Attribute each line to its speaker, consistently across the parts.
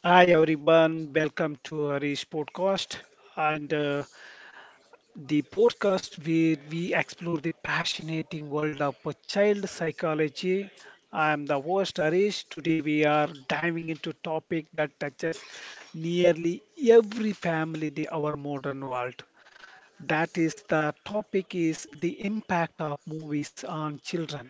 Speaker 1: Hi everyone, welcome to Harish podcast and the podcast where we explore the fascinating world of child psychology. I am the host Harish. Today we are diving into topic that touches nearly every family in our modern world. That is the topic is the impact of movies on children.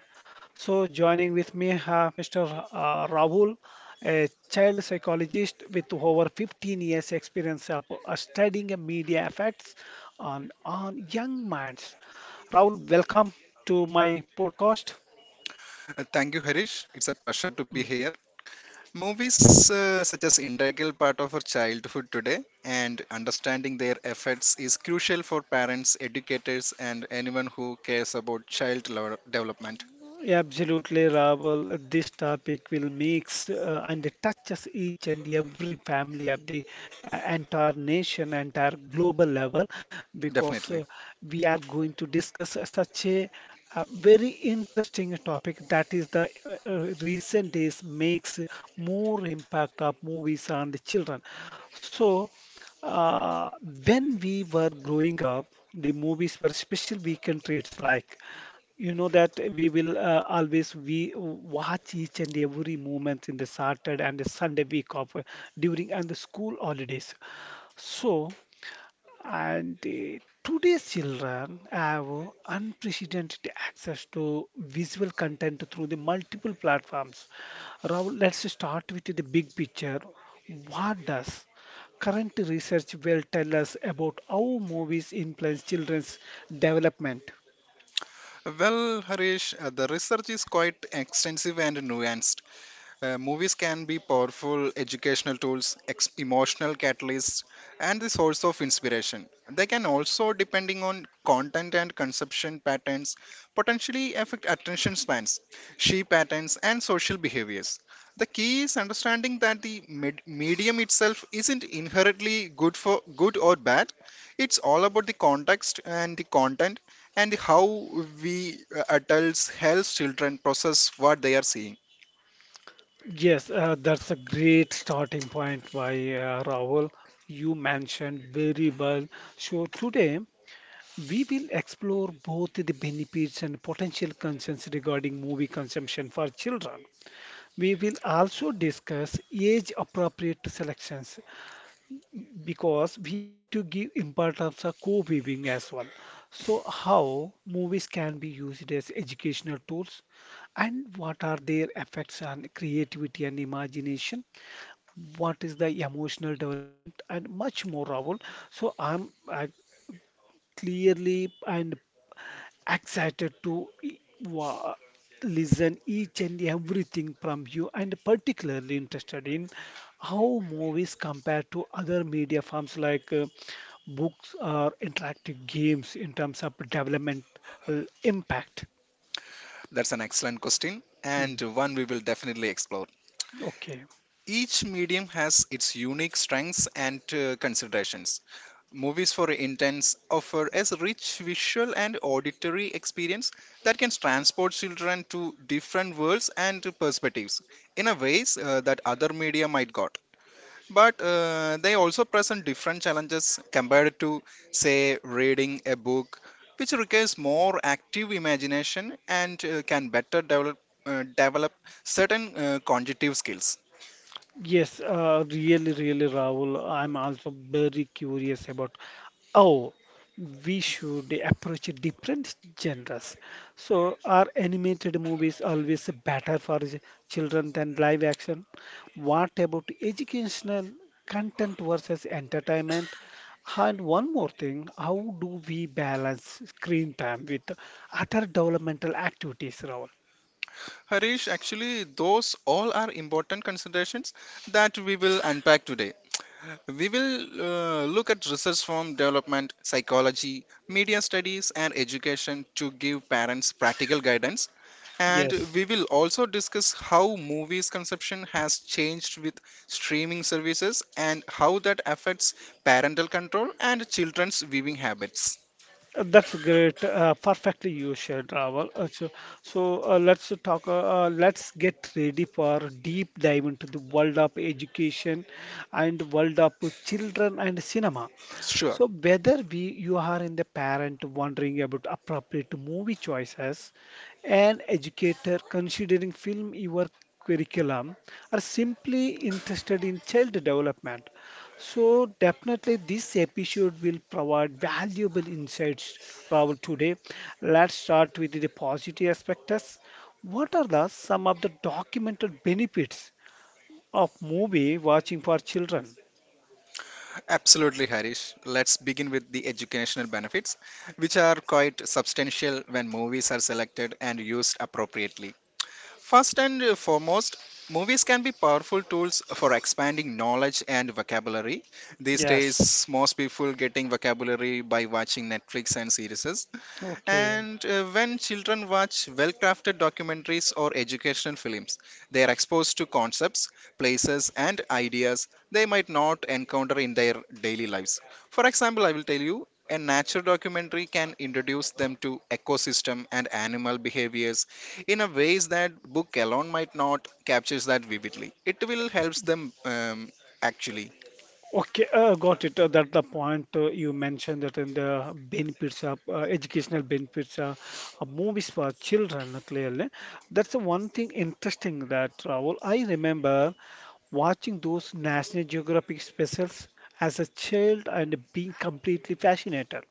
Speaker 1: So joining with me, Mr. Rahul, a child psychologist with over 15 years experience of studying media effects on young minds. Rahul, welcome to my podcast.
Speaker 2: Thank you, Harish. It's a pleasure to be here. Movies such as integral part of our childhood today, and understanding their effects is crucial for parents, educators, and anyone who cares about development.
Speaker 1: Absolutely, Rahul. This topic will mix and it touches each and every family of the entire nation, entire global level, because
Speaker 2: Definitely.
Speaker 1: we are going to discuss such a, very interesting topic that is the recent days makes more impact of movies on the children. So, uh, when we were growing up, the movies were special weekend treats like that we will always we watch each and every moment in the Saturday and the Sunday week of during and the school holidays. So, and today's children have unprecedented access to visual content through the multiple platforms. Rahul, let's start with the big picture. What does current research will tell us about how movies influence children's development?
Speaker 2: Well, Harish, the research is quite extensive and nuanced. Movies can be powerful educational tools, emotional catalysts, and the source of inspiration. They can also, depending on content and consumption patterns, potentially affect attention spans, she patterns, and social behaviors. The key is understanding that the medium itself isn't inherently good for good or bad. It's all about the context and the content and how we adults help children process what they are seeing.
Speaker 1: Yes, that's a great starting point by Rahul. You mentioned very well. So today we will explore both the benefits and potential concerns regarding movie consumption for children. We will also discuss age-appropriate selections because we need to give importance of co-viewing as well. So how movies can be used as educational tools and what are their effects on creativity and imagination? What is the emotional development and much more Rahul. So I clearly and excited to listen each and everything from you and particularly interested in how movies compare to other media forms like books or interactive games in terms of developmental impact.
Speaker 2: That's an excellent question
Speaker 1: Mm.
Speaker 2: and one we will definitely explore.
Speaker 1: Okay.
Speaker 2: Each medium has its unique strengths and considerations. Movies for Intents offer a rich visual and auditory experience that can transport children to different worlds and perspectives in a ways that other media might not. But they also present different challenges compared to, say, reading a book, which requires more active imagination and can better develop certain cognitive skills.
Speaker 1: Yes, really, Rahul. I'm also very curious about. Oh, we should approach different genres. So, are animated movies always better for children than live action? What about educational content versus entertainment? And one more thing, how do we balance screen time with other developmental activities, Rahul?
Speaker 2: Harish, actually, those all are important considerations that we will unpack today. We will look at research from development, psychology, media studies, and education to give parents practical guidance. And
Speaker 1: Yes.
Speaker 2: we will also discuss how movies consumption has changed with streaming services and how that affects parental control and children's viewing habits.
Speaker 1: That's great. Perfectly you shared, Raval. So, let's talk. Let's get ready for a deep dive into the world of education and world of children and cinema.
Speaker 2: Sure,
Speaker 1: So whether we you are in the parent wondering about appropriate movie choices, an educator considering film your curriculum, or simply interested in child development, so definitely this episode will provide valuable insights. Rahul, today, let's start with the positive aspects. What are the some of the documented benefits of movie watching for children?
Speaker 2: absolutely, Harish. Let's begin with the educational benefits, which are quite substantial when movies are selected and used appropriately. First and foremost, movies can be powerful tools for expanding knowledge and vocabulary. These
Speaker 1: Yes.
Speaker 2: days, most people getting vocabulary by watching Netflix and series.
Speaker 1: Okay.
Speaker 2: And when children watch well crafted documentaries or educational films, they are exposed to concepts, places, and ideas they might not encounter in their daily lives. For example, I will tell you a nature documentary can introduce them to ecosystem and animal behaviors in a ways that book alone might not captures that vividly it will helps them actually.
Speaker 1: Okay, got it. That the point you mentioned that in the benefits of educational benefits of movies for children, clearly. That's the one thing interesting that Rahul, I remember watching those National Geographic specials as a child and being completely fascinated.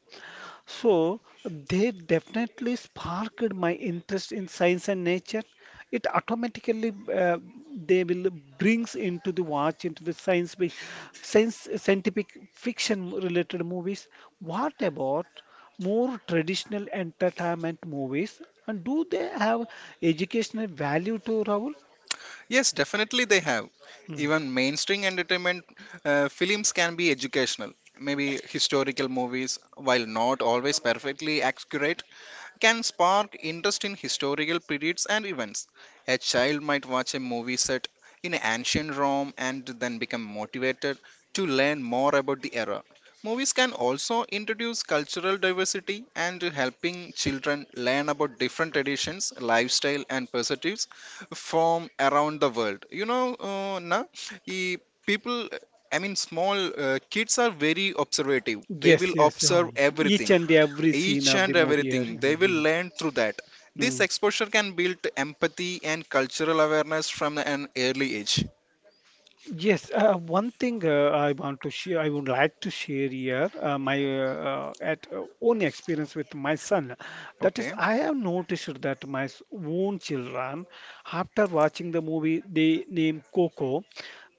Speaker 1: So they definitely sparked my interest in science and nature. It automatically they will brings into the watch into the science scientific fiction related movies. What about more traditional entertainment movies? And do they have educational value to Rahul?
Speaker 2: Yes, definitely they have.
Speaker 1: Mm.
Speaker 2: Even mainstream entertainment films can be educational. Maybe historical movies, while not always perfectly accurate, can spark interest in historical periods and events. A child might watch a movie set in ancient Rome and then become motivated to learn more about the era. Movies can also introduce cultural diversity and helping children learn about different traditions, lifestyle, and perspectives from around the world. You know, e- people, I mean, small kids are very observative. They
Speaker 1: Yes,
Speaker 2: will
Speaker 1: yes.
Speaker 2: observe
Speaker 1: Each
Speaker 2: everything
Speaker 1: and every scene
Speaker 2: each
Speaker 1: of the
Speaker 2: and
Speaker 1: movie.
Speaker 2: everything they will
Speaker 1: Mhm,
Speaker 2: learn through that this
Speaker 1: mhm.
Speaker 2: exposure can build empathy and cultural awareness from an early age.
Speaker 1: Yes, one thing I want to share, I would like to share here my at own experience with my son. That is,
Speaker 2: Okay.
Speaker 1: I have noticed that my own children, after watching the movie they named Coco,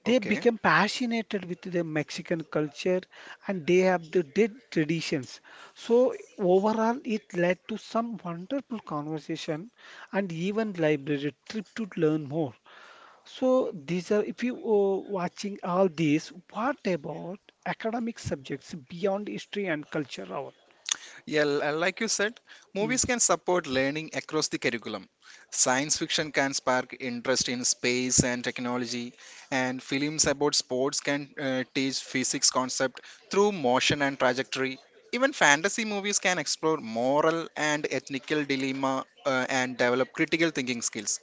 Speaker 1: they
Speaker 2: Okay.
Speaker 1: become passionate with the Mexican culture and they have the dead traditions. So overall, it led to some wonderful conversation and even library trip to learn more. So these are, if you are watching all these, what about academic subjects beyond history and culture, Rahul?
Speaker 2: Yeah, like you said
Speaker 1: Mm.
Speaker 2: movies can support learning across the curriculum. Science fiction can spark interest in space and technology and films about sports can teach physics concept through motion and trajectory. Even fantasy movies can explore moral and ethical dilemma and develop critical thinking skills.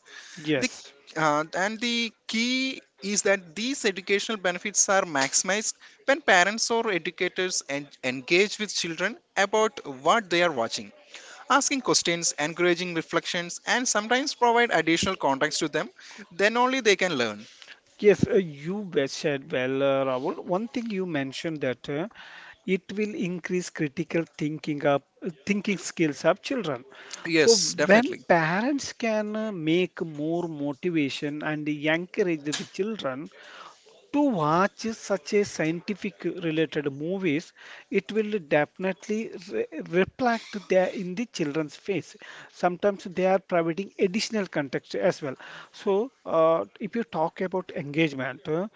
Speaker 2: The,
Speaker 1: Yes,
Speaker 2: and the key is that these educational benefits are maximized when parents or educators engage with children about what they are watching, asking questions, encouraging reflections, and sometimes provide additional context to them. Then only they can learn.
Speaker 1: yes, you well said well, Rahul. One thing you mentioned that it will increase critical thinking skills of children. So
Speaker 2: Yes,
Speaker 1: when
Speaker 2: definitely.
Speaker 1: parents can make more motivation and encourage the children, to watch such a scientific related movies it will definitely reflect there in the children's face sometimes they are providing additional context as well so if you talk about engagement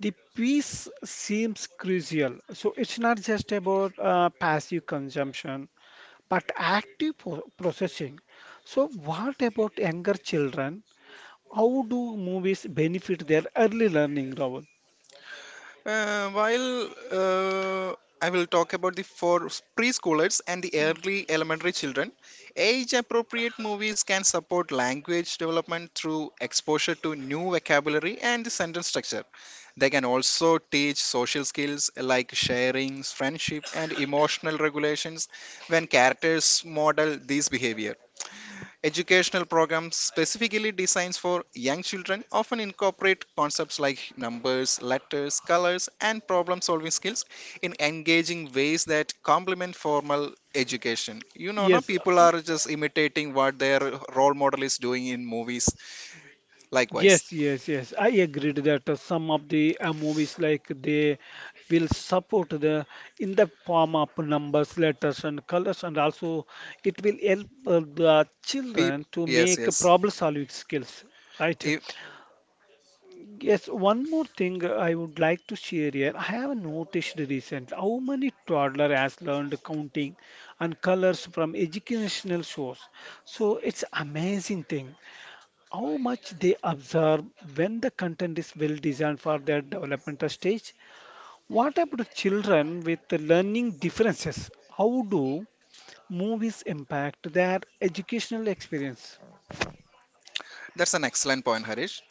Speaker 1: the piece seems crucial so it's not just about passive consumption but processing so what about younger children how do movies benefit their early learning Rahul?
Speaker 2: While I will talk about the for preschoolers and the early elementary children, age-appropriate movies can support language development through exposure to new vocabulary and the sentence structure. They can also teach social skills like sharing, friendship, and emotional regulations when characters model these behaviors. Educational programs specifically designed for young children often incorporate concepts like numbers, letters, colors, and problem solving skills in engaging ways that complement formal education. You know, no,
Speaker 1: Yes,
Speaker 2: people are just imitating what their role model is doing in movies. Likewise,
Speaker 1: yes. I agreed that some of the movies like they will support the in the form of numbers, letters, and colors, and also it will help the
Speaker 2: peep.
Speaker 1: children to
Speaker 2: Yes,
Speaker 1: make
Speaker 2: yes.
Speaker 1: problem solving skills, right?
Speaker 2: If,
Speaker 1: Yes, one more thing I would like to share here. I have noticed recently how many toddler has learned counting and colors from educational shows. So it's amazing thing. How much they absorb when the content is well designed for their developmental stage. What about children with learning differences? How do movies impact their educational experience?
Speaker 2: that's an excellent point, Harish.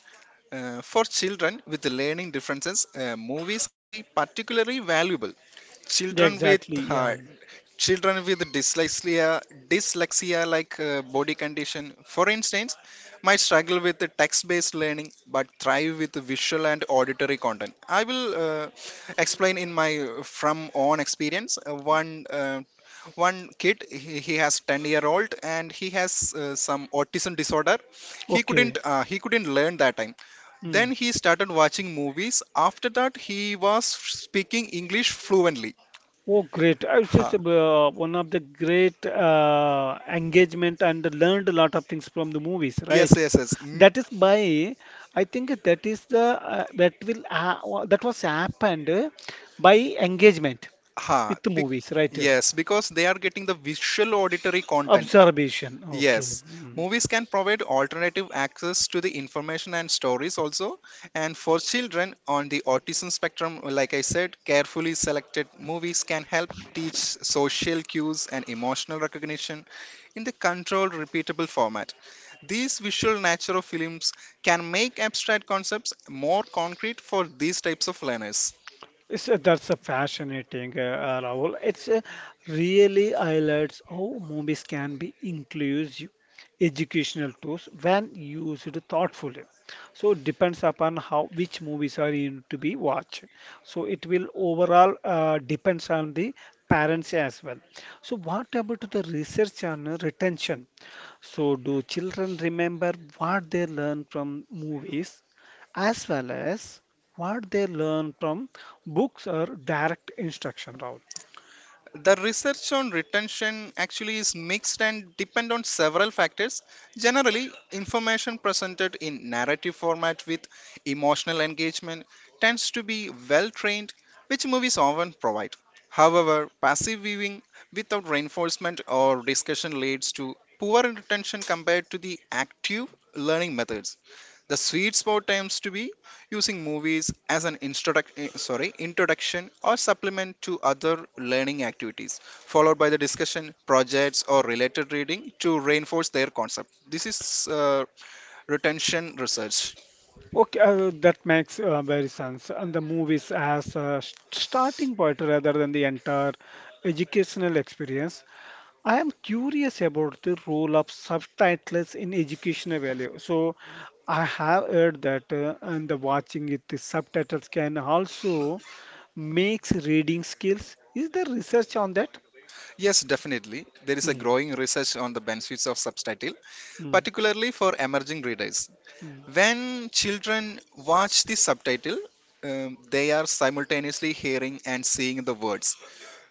Speaker 2: For children with learning differences, movies can be particularly valuable.
Speaker 1: Yeah,
Speaker 2: Children with
Speaker 1: exactly.
Speaker 2: uh,
Speaker 1: Yeah.
Speaker 2: Children with dyslexia like body condition for instance might struggle with the text based learning but thrive with the visual and auditory content. I will explain in my from own experience. Uh, One kid he has 10-year-old and he has some autism disorder.
Speaker 1: Okay.
Speaker 2: He couldn't learn that time, then he started watching movies. After that he was speaking english fluently.
Speaker 1: Oh, great. I was just
Speaker 2: Ha.
Speaker 1: one of the great engagement and learned a lot of things from the movies,
Speaker 2: Yes,
Speaker 1: right?
Speaker 2: yes, yes.
Speaker 1: That is by, I think that is the that was happened by engagement
Speaker 2: Ha,
Speaker 1: with the
Speaker 2: bec-
Speaker 1: movies, right?
Speaker 2: yes, because they are getting the visual auditory content. I-
Speaker 1: Observation. Okay.
Speaker 2: Yes,
Speaker 1: Mm.
Speaker 2: movies can provide alternative access to the information and stories also. And for children on the autism spectrum, like I said, carefully selected movies can help teach social cues and emotional recognition in the controlled, repeatable format. These visual nature of films can make abstract concepts more concrete for these types of learners.
Speaker 1: It's, that's a fascinating, Rahul. It's really highlights how movies can be inclusive educational tools when used thoughtfully. So it depends upon how which movies are in to be watched. So it will overall depends on the parents as well. So what about the research on retention? So do children remember what they learn from movies as well as what they learn from books or direct instruction, Rahul.
Speaker 2: The research on retention actually is mixed and depend on several factors. Generally, information presented in narrative format with emotional engagement tends to be well trained, which movies often provide. However, passive viewing without reinforcement or discussion leads to poor retention compared to the active learning methods. The sweet spot tends to be using movies as an introduction or supplement to other learning activities, followed by the discussion, projects, or related reading to reinforce their concept. This is retention research.
Speaker 1: Okay, that makes very sense. And the movies as a starting point rather than the entire educational experience. I am curious about the role of subtitles in educational value. So I have heard that and the watching it, the subtitles can also makes reading skills. Is there research on that?
Speaker 2: Yes, definitely. There is a
Speaker 1: Mm,
Speaker 2: growing research on the benefits of subtitle,
Speaker 1: mm,
Speaker 2: particularly for emerging readers.
Speaker 1: mm.
Speaker 2: When children watch the subtitle, they are simultaneously hearing and seeing the words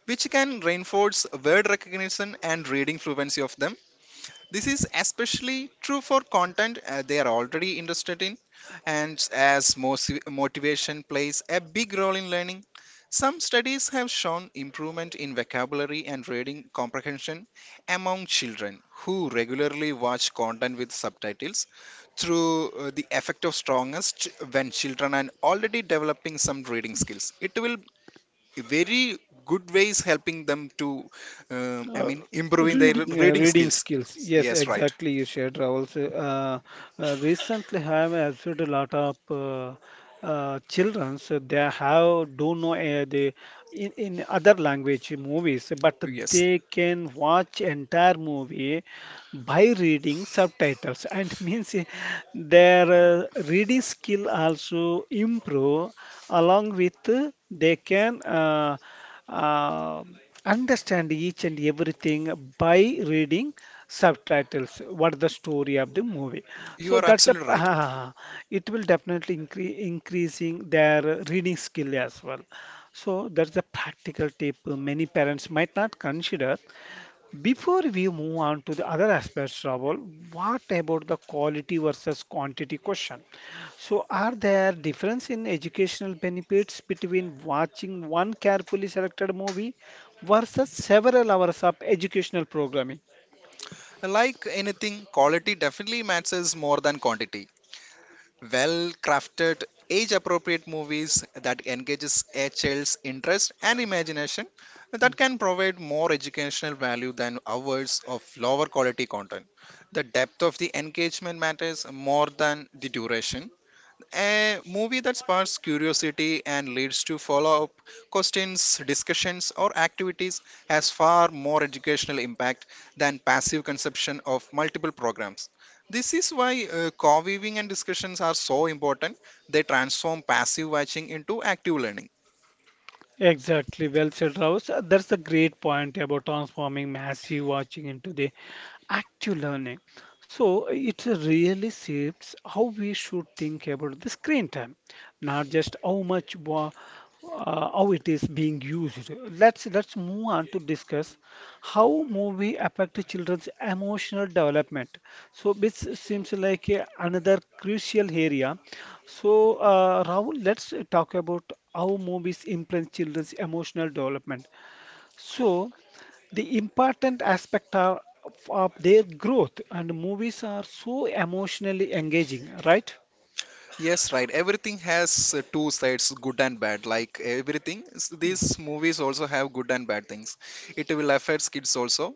Speaker 2: which can reinforce word recognition and reading fluency of them. This is especially true for content they are already interested in, and as motivation plays a big role in learning. Some studies have shown improvement in vocabulary and reading comprehension among children who regularly watch content with subtitles through the effect of strongest when children are already developing some reading skills. It will very good ways helping them to
Speaker 1: Uh,
Speaker 2: improving their reading
Speaker 1: reading
Speaker 2: skills.
Speaker 1: skills. Yes,
Speaker 2: Yes, right.
Speaker 1: exactly. You shared Rahul. So, recently, I have observed a lot of children. So they have don't know they in other language movies, but
Speaker 2: Yes,
Speaker 1: they can watch entire movie by reading subtitles and means eh, their reading skill also improve along with they can uh, understand each and everything by reading subtitles what the story of the movie
Speaker 2: you
Speaker 1: so
Speaker 2: are
Speaker 1: that's a
Speaker 2: absolutely right.
Speaker 1: ah, it will definitely increasing their reading skill as well so that's a practical tip many parents might not consider before we move on to the other aspects, Rahul, what about the quality versus quantity question? So, are there difference in educational benefits between watching one carefully selected movie versus several hours of educational programming?
Speaker 2: Like anything quality definitely matters more than quantity. Well crafted age appropriate movies that engages a child's interest and imagination that can provide more educational value than hours of lower quality content. The depth of the engagement matters more than the duration. A movie that sparks curiosity and leads to follow up questions, discussions, or activities has far more educational impact than passive consumption of multiple programs. This is why co weaving and discussions are so important. They transform passive watching into active learning.
Speaker 1: Exactly, well said, Rouse. That's a great point about transforming massive watching into the active learning. So it really shapes how we should think about the screen time, not just how it is being used. Let's move on to discuss how movie affect children's emotional development so this seems like a, another crucial area so rahul let's talk about how movies influence children's emotional development so the important aspect are, of their growth and movies are so emotionally engaging right.
Speaker 2: Yes, right. Everything has two sides, good and bad. Like everything,
Speaker 1: Hmm.
Speaker 2: these movies also have good and bad things. It will affect kids also.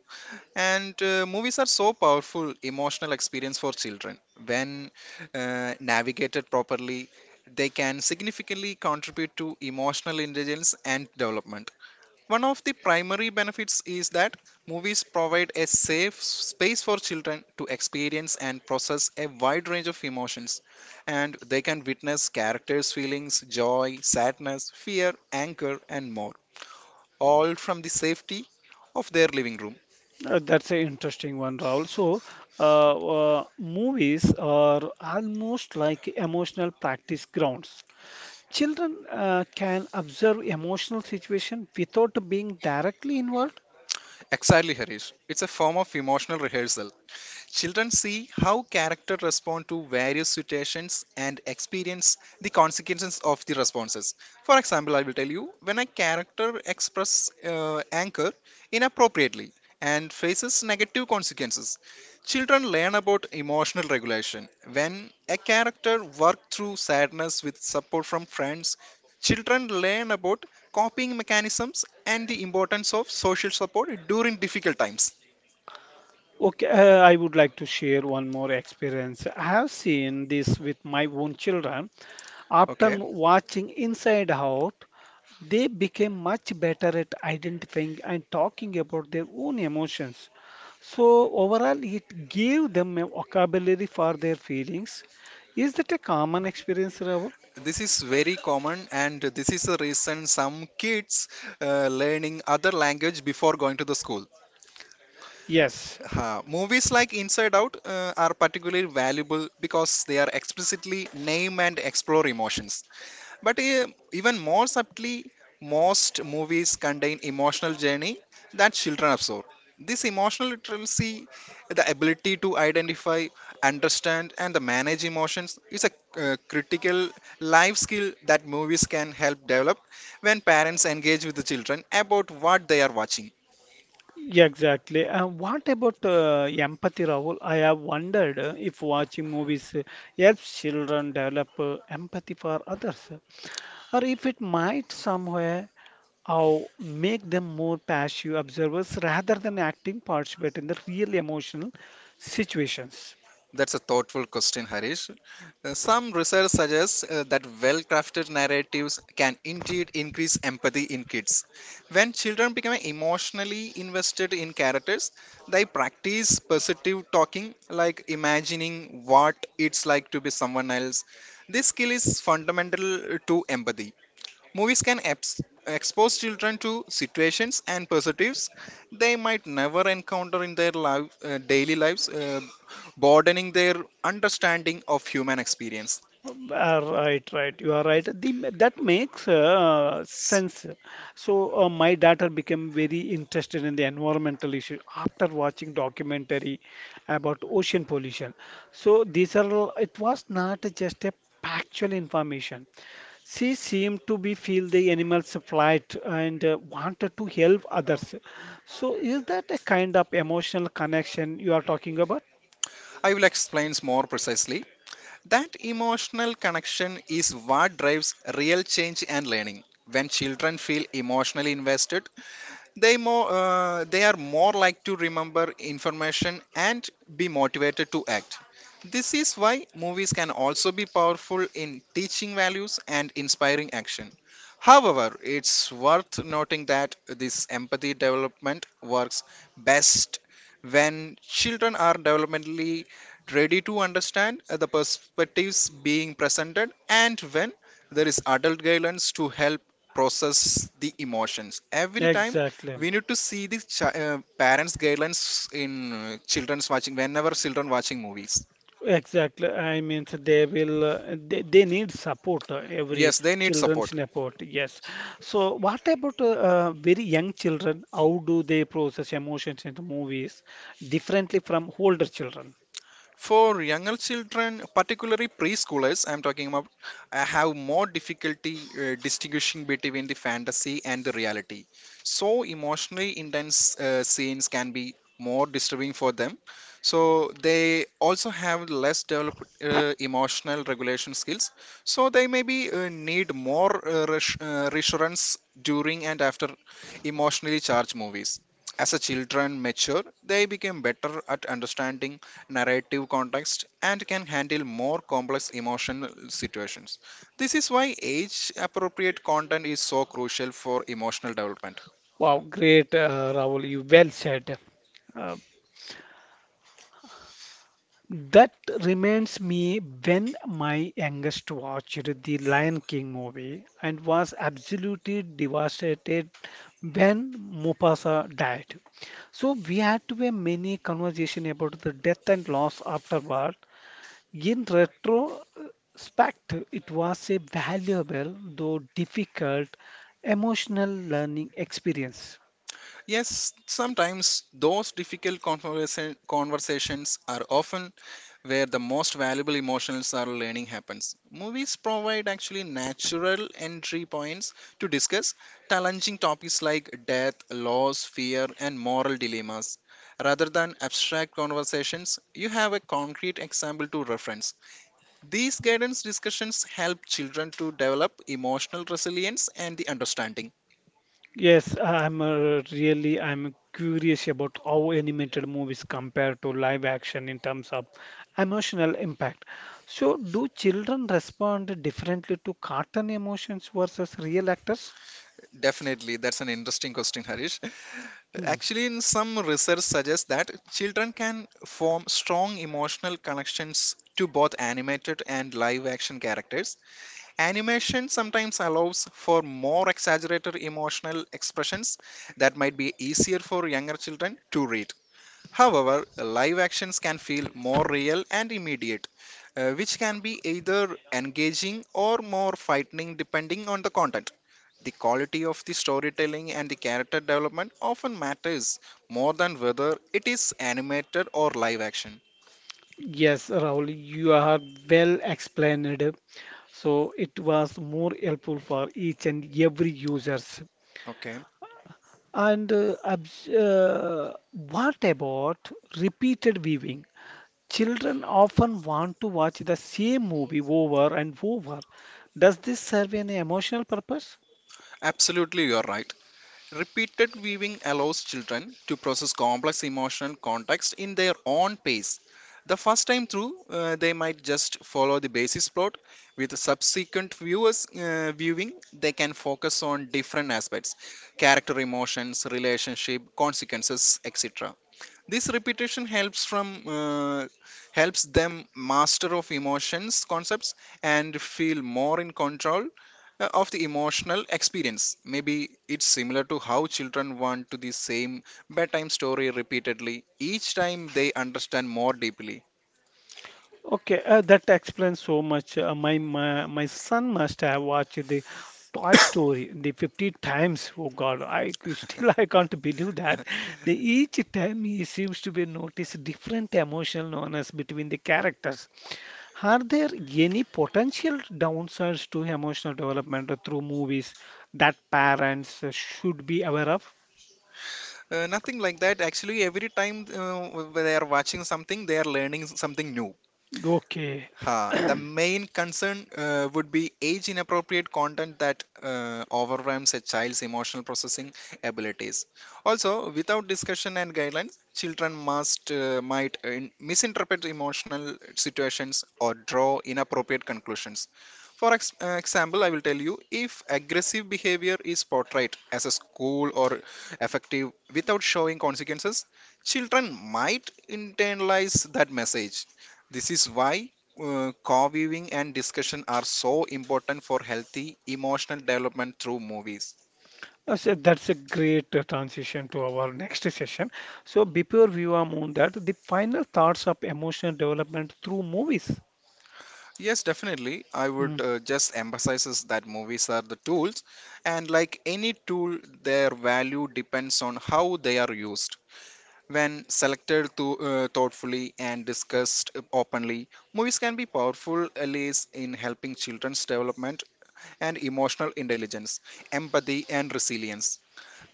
Speaker 2: And movies are so powerful emotional experience for children. When navigated properly, they can significantly contribute to emotional intelligence and development. One of the primary benefits is that movies provide a safe space for children to experience and process a wide range of emotions, and they can witness characters' feelings, joy, sadness, fear, anger, and more, all from the safety of their living room.
Speaker 1: That's an interesting one, Raul. So, uh, uh, movies are almost like emotional practice grounds. Children can observe emotional situation without being directly involved.
Speaker 2: Exactly, Harish. It's a form of emotional rehearsal. Children see how characters respond to various situations and experience the consequences of the responses. For example, I will tell you when a character expresses anger inappropriately and faces negative consequences. Children learn about emotional regulation. When a character works through sadness with support from friends, children learn about coping mechanisms and the importance of social support during difficult times.
Speaker 1: Okay, I would like to share one more experience. I have seen this with my own children. After
Speaker 2: Okay,
Speaker 1: watching Inside Out, they became much better at identifying and talking about their own emotions. So, overall, it gave them a vocabulary for their feelings. Is that a common experience, Rahul?
Speaker 2: this is very common and this is the reason some kids learning other language before going to the school.
Speaker 1: Yes.
Speaker 2: Ha, movies like inside out are particularly valuable because they are explicitly name and explore emotions but even more subtly, most movies contain emotional journey that children absorb. This emotional literacy, the ability to identify, understand, and the manage emotions, is a critical life skill that movies can help develop when parents engage with the children about what they are watching.
Speaker 1: Yeah, exactly. And what about empathy, Rahul? I have wondered if watching movies helps children develop empathy for others, or if it might somewhere how make them more passive observers rather than acting participate in the real emotional situations.
Speaker 2: That's a thoughtful question, Harish. Some research suggests that well crafted narratives can indeed increase empathy in kids. When children become emotionally invested in characters, they practice perceptive talking, like imagining what it's like to be someone else. This skill is fundamental to empathy. Movies can expose children to situations and perspectives they might never encounter in their daily lives, broadening their understanding of human experience.
Speaker 1: Uh, right. You are right. The, that makes sense. So my daughter became very interested in the environmental issue after watching documentary about ocean pollution. So these are all- it was not just a factual information. She seemed to be feel the animals' plight and wanted to help others. So is that a kind of emotional connection you are talking about?
Speaker 2: I will explain more precisely. That emotional connection is what drives real change and learning. When children feel emotionally invested, they are more like to remember information and be motivated to act. This is why movies can also be powerful in teaching values and inspiring action. However, it's worth noting that this empathy development works best when children are developmentally ready to understand the perspectives being presented, and when there is adult guidance to help process the emotions every time.
Speaker 1: Exactly.
Speaker 2: We need to see the parents guidelines in children's watching whenever children watching movies.
Speaker 1: Exactly. I mean, so they will, they need support, every
Speaker 2: Yes, they need
Speaker 1: children's
Speaker 2: support.
Speaker 1: support. Yes. So, what about very young children? How do they process emotions in the movies differently from older children?
Speaker 2: For younger children, particularly preschoolers, I'm talking about, I have more difficulty distinguishing between the fantasy and the reality. So, emotionally intense scenes can be more disturbing for them. So, they also have less developed emotional regulation skills. So, they maybe need more reassurance during and after emotionally charged movies. As a children mature, they become better at understanding narrative context, and can handle more complex emotional situations. This is why age appropriate content is so crucial for emotional development.
Speaker 1: Wow, great, Rahul. You well said. Uh, That reminds me when my youngest watched the Lion King movie and was absolutely devastated when Mufasa died. So we had to have many conversation about the death and loss afterward. In retrospect, it was a valuable though difficult emotional learning experience.
Speaker 2: Yes, sometimes those difficult conversations are often where the most valuable emotional learning happens. Movies provide actually natural entry points to discuss challenging topics like death, loss, fear, and moral dilemmas. Rather than abstract conversations, you have a concrete example to reference. These guidance discussions help children to develop emotional resilience and the understanding.
Speaker 1: Yes, I'm really I'm curious about how animated movies compare to live action in terms of emotional impact. So, do children respond differently to cartoon emotions versus real actors?
Speaker 2: Definitely, that's an interesting question, Harish.
Speaker 1: Hmm.
Speaker 2: Actually, in some research suggests that children can form strong emotional connections to both animated and live action characters. Animation sometimes allows for more exaggerated emotional expressions that might be easier for younger children to read. However, live actions can feel more real and immediate, which can be either engaging or more frightening depending on the content. The quality of the storytelling and the character development often matters more than whether it is animated or live action.
Speaker 1: Yes, Rahul, you are well explained. So it was more helpful for each and every users.
Speaker 2: Okay,
Speaker 1: And what about repeated viewing? Children often want to watch the same movie over and over. Does this serve an emotional purpose?
Speaker 2: absolutely, you're right. Repeated viewing allows children to process complex emotional context in their own pace. The first time through, they might just follow the basis plot. With subsequent viewers viewing, they can focus on different aspects, character emotions, relationship, consequences, etc. This repetition helps from uh, helps them master of emotions concepts and feel more in control of the emotional experience, maybe it's similar to how children want to the same bedtime story repeatedly, each time they understand more deeply.
Speaker 1: Okay, that explains so much. My son must have watched the Toy Story the 50 times. Oh God, I c- still I can't believe that. Each time he seems to be notice different emotional nuances between the characters. Are there any potential downsides to emotional development through movies that parents should be aware of?
Speaker 2: Nothing like that, actually every time they are watching something they are learning something new.
Speaker 1: Okay.
Speaker 2: Ha, the main concern would be age inappropriate content that overwhelms a child's emotional processing abilities. Also, without discussion and guidelines, children must might misinterpret emotional situations or draw inappropriate conclusions. For example, I will tell you, if aggressive behavior is portrayed as a school or effective without showing consequences, children might internalize that message. This is why co-viewing and discussion are so important for healthy emotional development through movies.
Speaker 1: So that's a great transition to our next session. So before we are on that, the final thoughts of emotional development through movies.
Speaker 2: Yes, definitely, I would just emphasize is that movies are the tools, and like any tool their value depends on how they are used. When selected to, thoughtfully and discussed openly, movies can be powerful allies in helping children's development and emotional intelligence, empathy and resilience.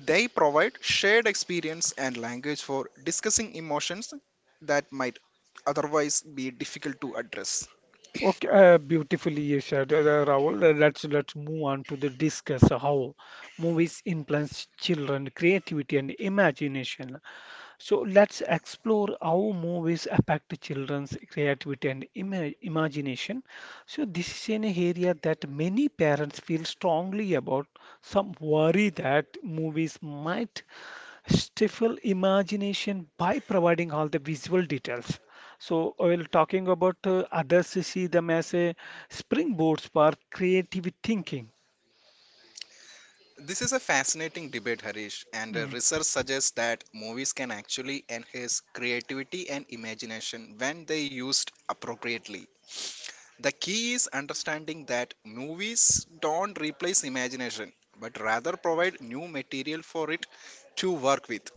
Speaker 2: They provide shared experience and language for discussing emotions that might otherwise be difficult to address.
Speaker 1: Okay, beautifully you said, Rahul. Let's move on to the discuss how movies influence children creativity and imagination. So let's explore how movies affect children's creativity and imagination. So this is an area that many parents feel strongly about. Some worry that movies might stifle imagination by providing all the visual details. So, while talking about others, see them as a springboards for creative thinking.
Speaker 2: This is a fascinating debate, Harish, and
Speaker 1: Mm.
Speaker 2: research suggests that movies can actually enhance creativity and imagination when they used appropriately. The key is understanding that movies don't replace imagination, but rather provide new material for it to work with.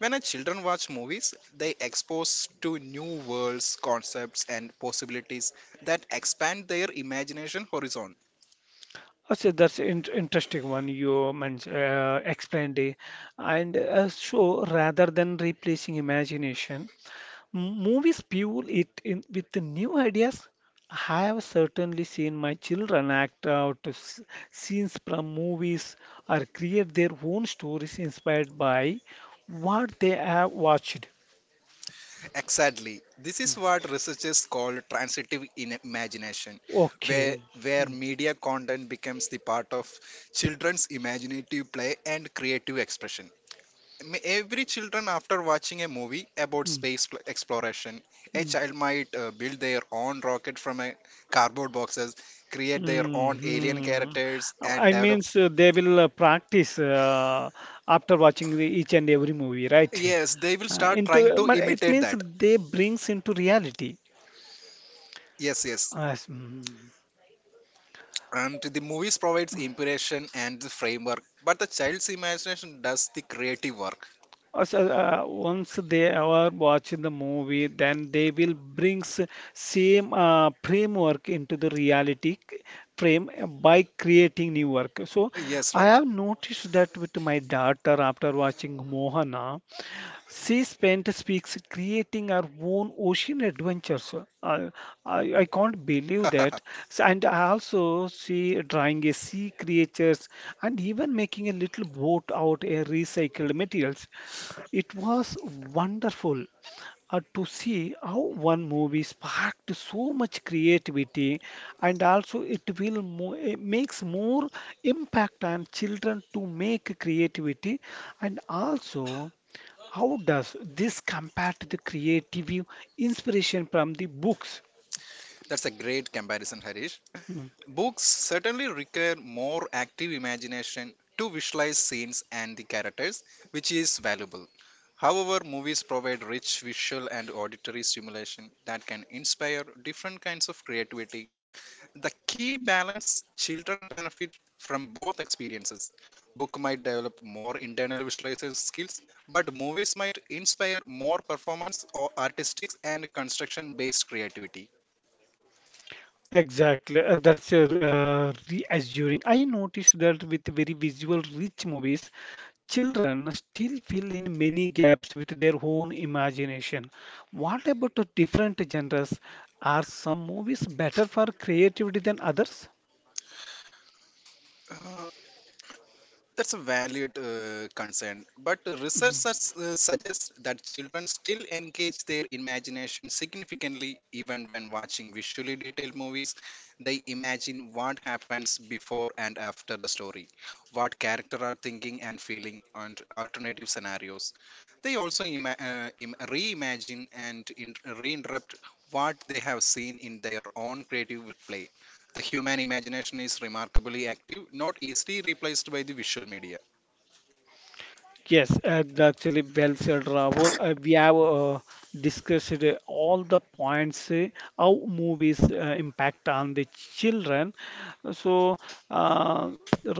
Speaker 2: When a children watch movies, they expose to new worlds, concepts, and possibilities that expand their imagination horizon.
Speaker 1: Okay, that's an interesting one you explained. It, and so, rather than replacing imagination, movies fuel it in with the new ideas. I have certainly seen my children act out scenes from movies or create their own stories inspired by what they have watched.
Speaker 2: Exactly. This is what researchers call transitive in imagination, where
Speaker 1: Okay.
Speaker 2: where
Speaker 1: Mm,
Speaker 2: media content becomes the part of children's imaginative play and creative expression. Every children, after watching a movie about
Speaker 1: mm,
Speaker 2: exploration, a
Speaker 1: mm,
Speaker 2: child might build their own rocket from a cardboard boxes, create their
Speaker 1: mm,
Speaker 2: own alien
Speaker 1: mm.
Speaker 2: characters, and
Speaker 1: I
Speaker 2: develop.
Speaker 1: mean, so they will practice after watching each and every movie, right?
Speaker 2: Yes, they will start
Speaker 1: Into
Speaker 2: trying to
Speaker 1: but it
Speaker 2: imitate
Speaker 1: means
Speaker 2: that.
Speaker 1: they brings into reality.
Speaker 2: Yes, yes.
Speaker 1: Yes, mm.
Speaker 2: And the movies provides inspiration and the framework, but the child's imagination does the creative work.
Speaker 1: Also, once they are watching the movie, then they will brings same framework into the reality c- frame by creating new work. So
Speaker 2: Yes,
Speaker 1: I
Speaker 2: right.
Speaker 1: have noticed that with my daughter after watching Mohana. She spent speaks creating her own ocean adventures. I, I can't believe that. So, and I also, see drawing a sea creatures and even making a little boat out of recycled materials. It was wonderful to see how one movie sparked so much creativity, and also it will it makes more impact on children to make creativity, and also how does this compare to the creative inspiration from the books?
Speaker 2: That's a great comparison, Harish.
Speaker 1: Mm.
Speaker 2: Books certainly require more active imagination to visualize scenes and the characters, which is valuable. However, movies provide rich visual and auditory stimulation that can inspire different kinds of creativity. The key balance children benefit from both experiences. Book might develop more internal visualization skills, but movies might inspire more performance or artistic and construction based creativity.
Speaker 1: Exactly, that's reassuring. I noticed that with very visual rich movies, children still fill in many gaps with their own imagination. What about the different genres? Are some movies better for creativity than others?
Speaker 2: That's a valid concern, but researchers suggests that children still engage their imagination significantly even when watching visually detailed movies. They imagine what happens before and after the story, what character are thinking and feeling, and alternative scenarios. They also reimagine and reinterpret what they have seen in their own creative play. The human imagination is remarkably active, not easily replaced by the visual media.
Speaker 1: Yes, actually, well said, Rahul. We have discussed all the points how movies impact on the children. So, uh,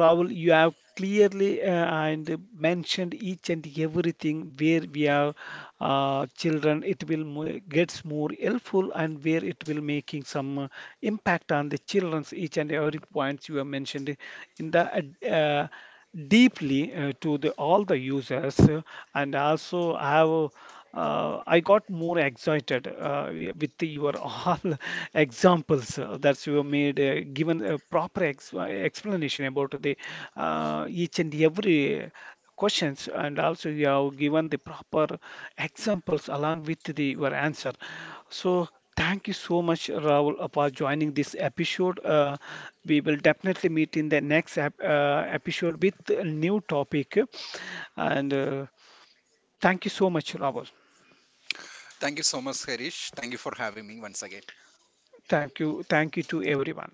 Speaker 1: Rahul, you have clearly and mentioned each and everything where we have children, it will gets more helpful, and where it will making some impact on the children's each and every points you have mentioned in the deeply to the all the users, and also I have I got more excited with your all examples that you have made, given a proper ex explanation about the each and every questions, and also you have given the proper examples along with the your answer. So thank you so much, Rahul, for joining this episode. We will definitely meet in the next episode with a new topic. And thank you so much, Rahul.
Speaker 2: Thank you so much, Harish. Thank you for having me once again.
Speaker 1: Thank you, thank you to everyone.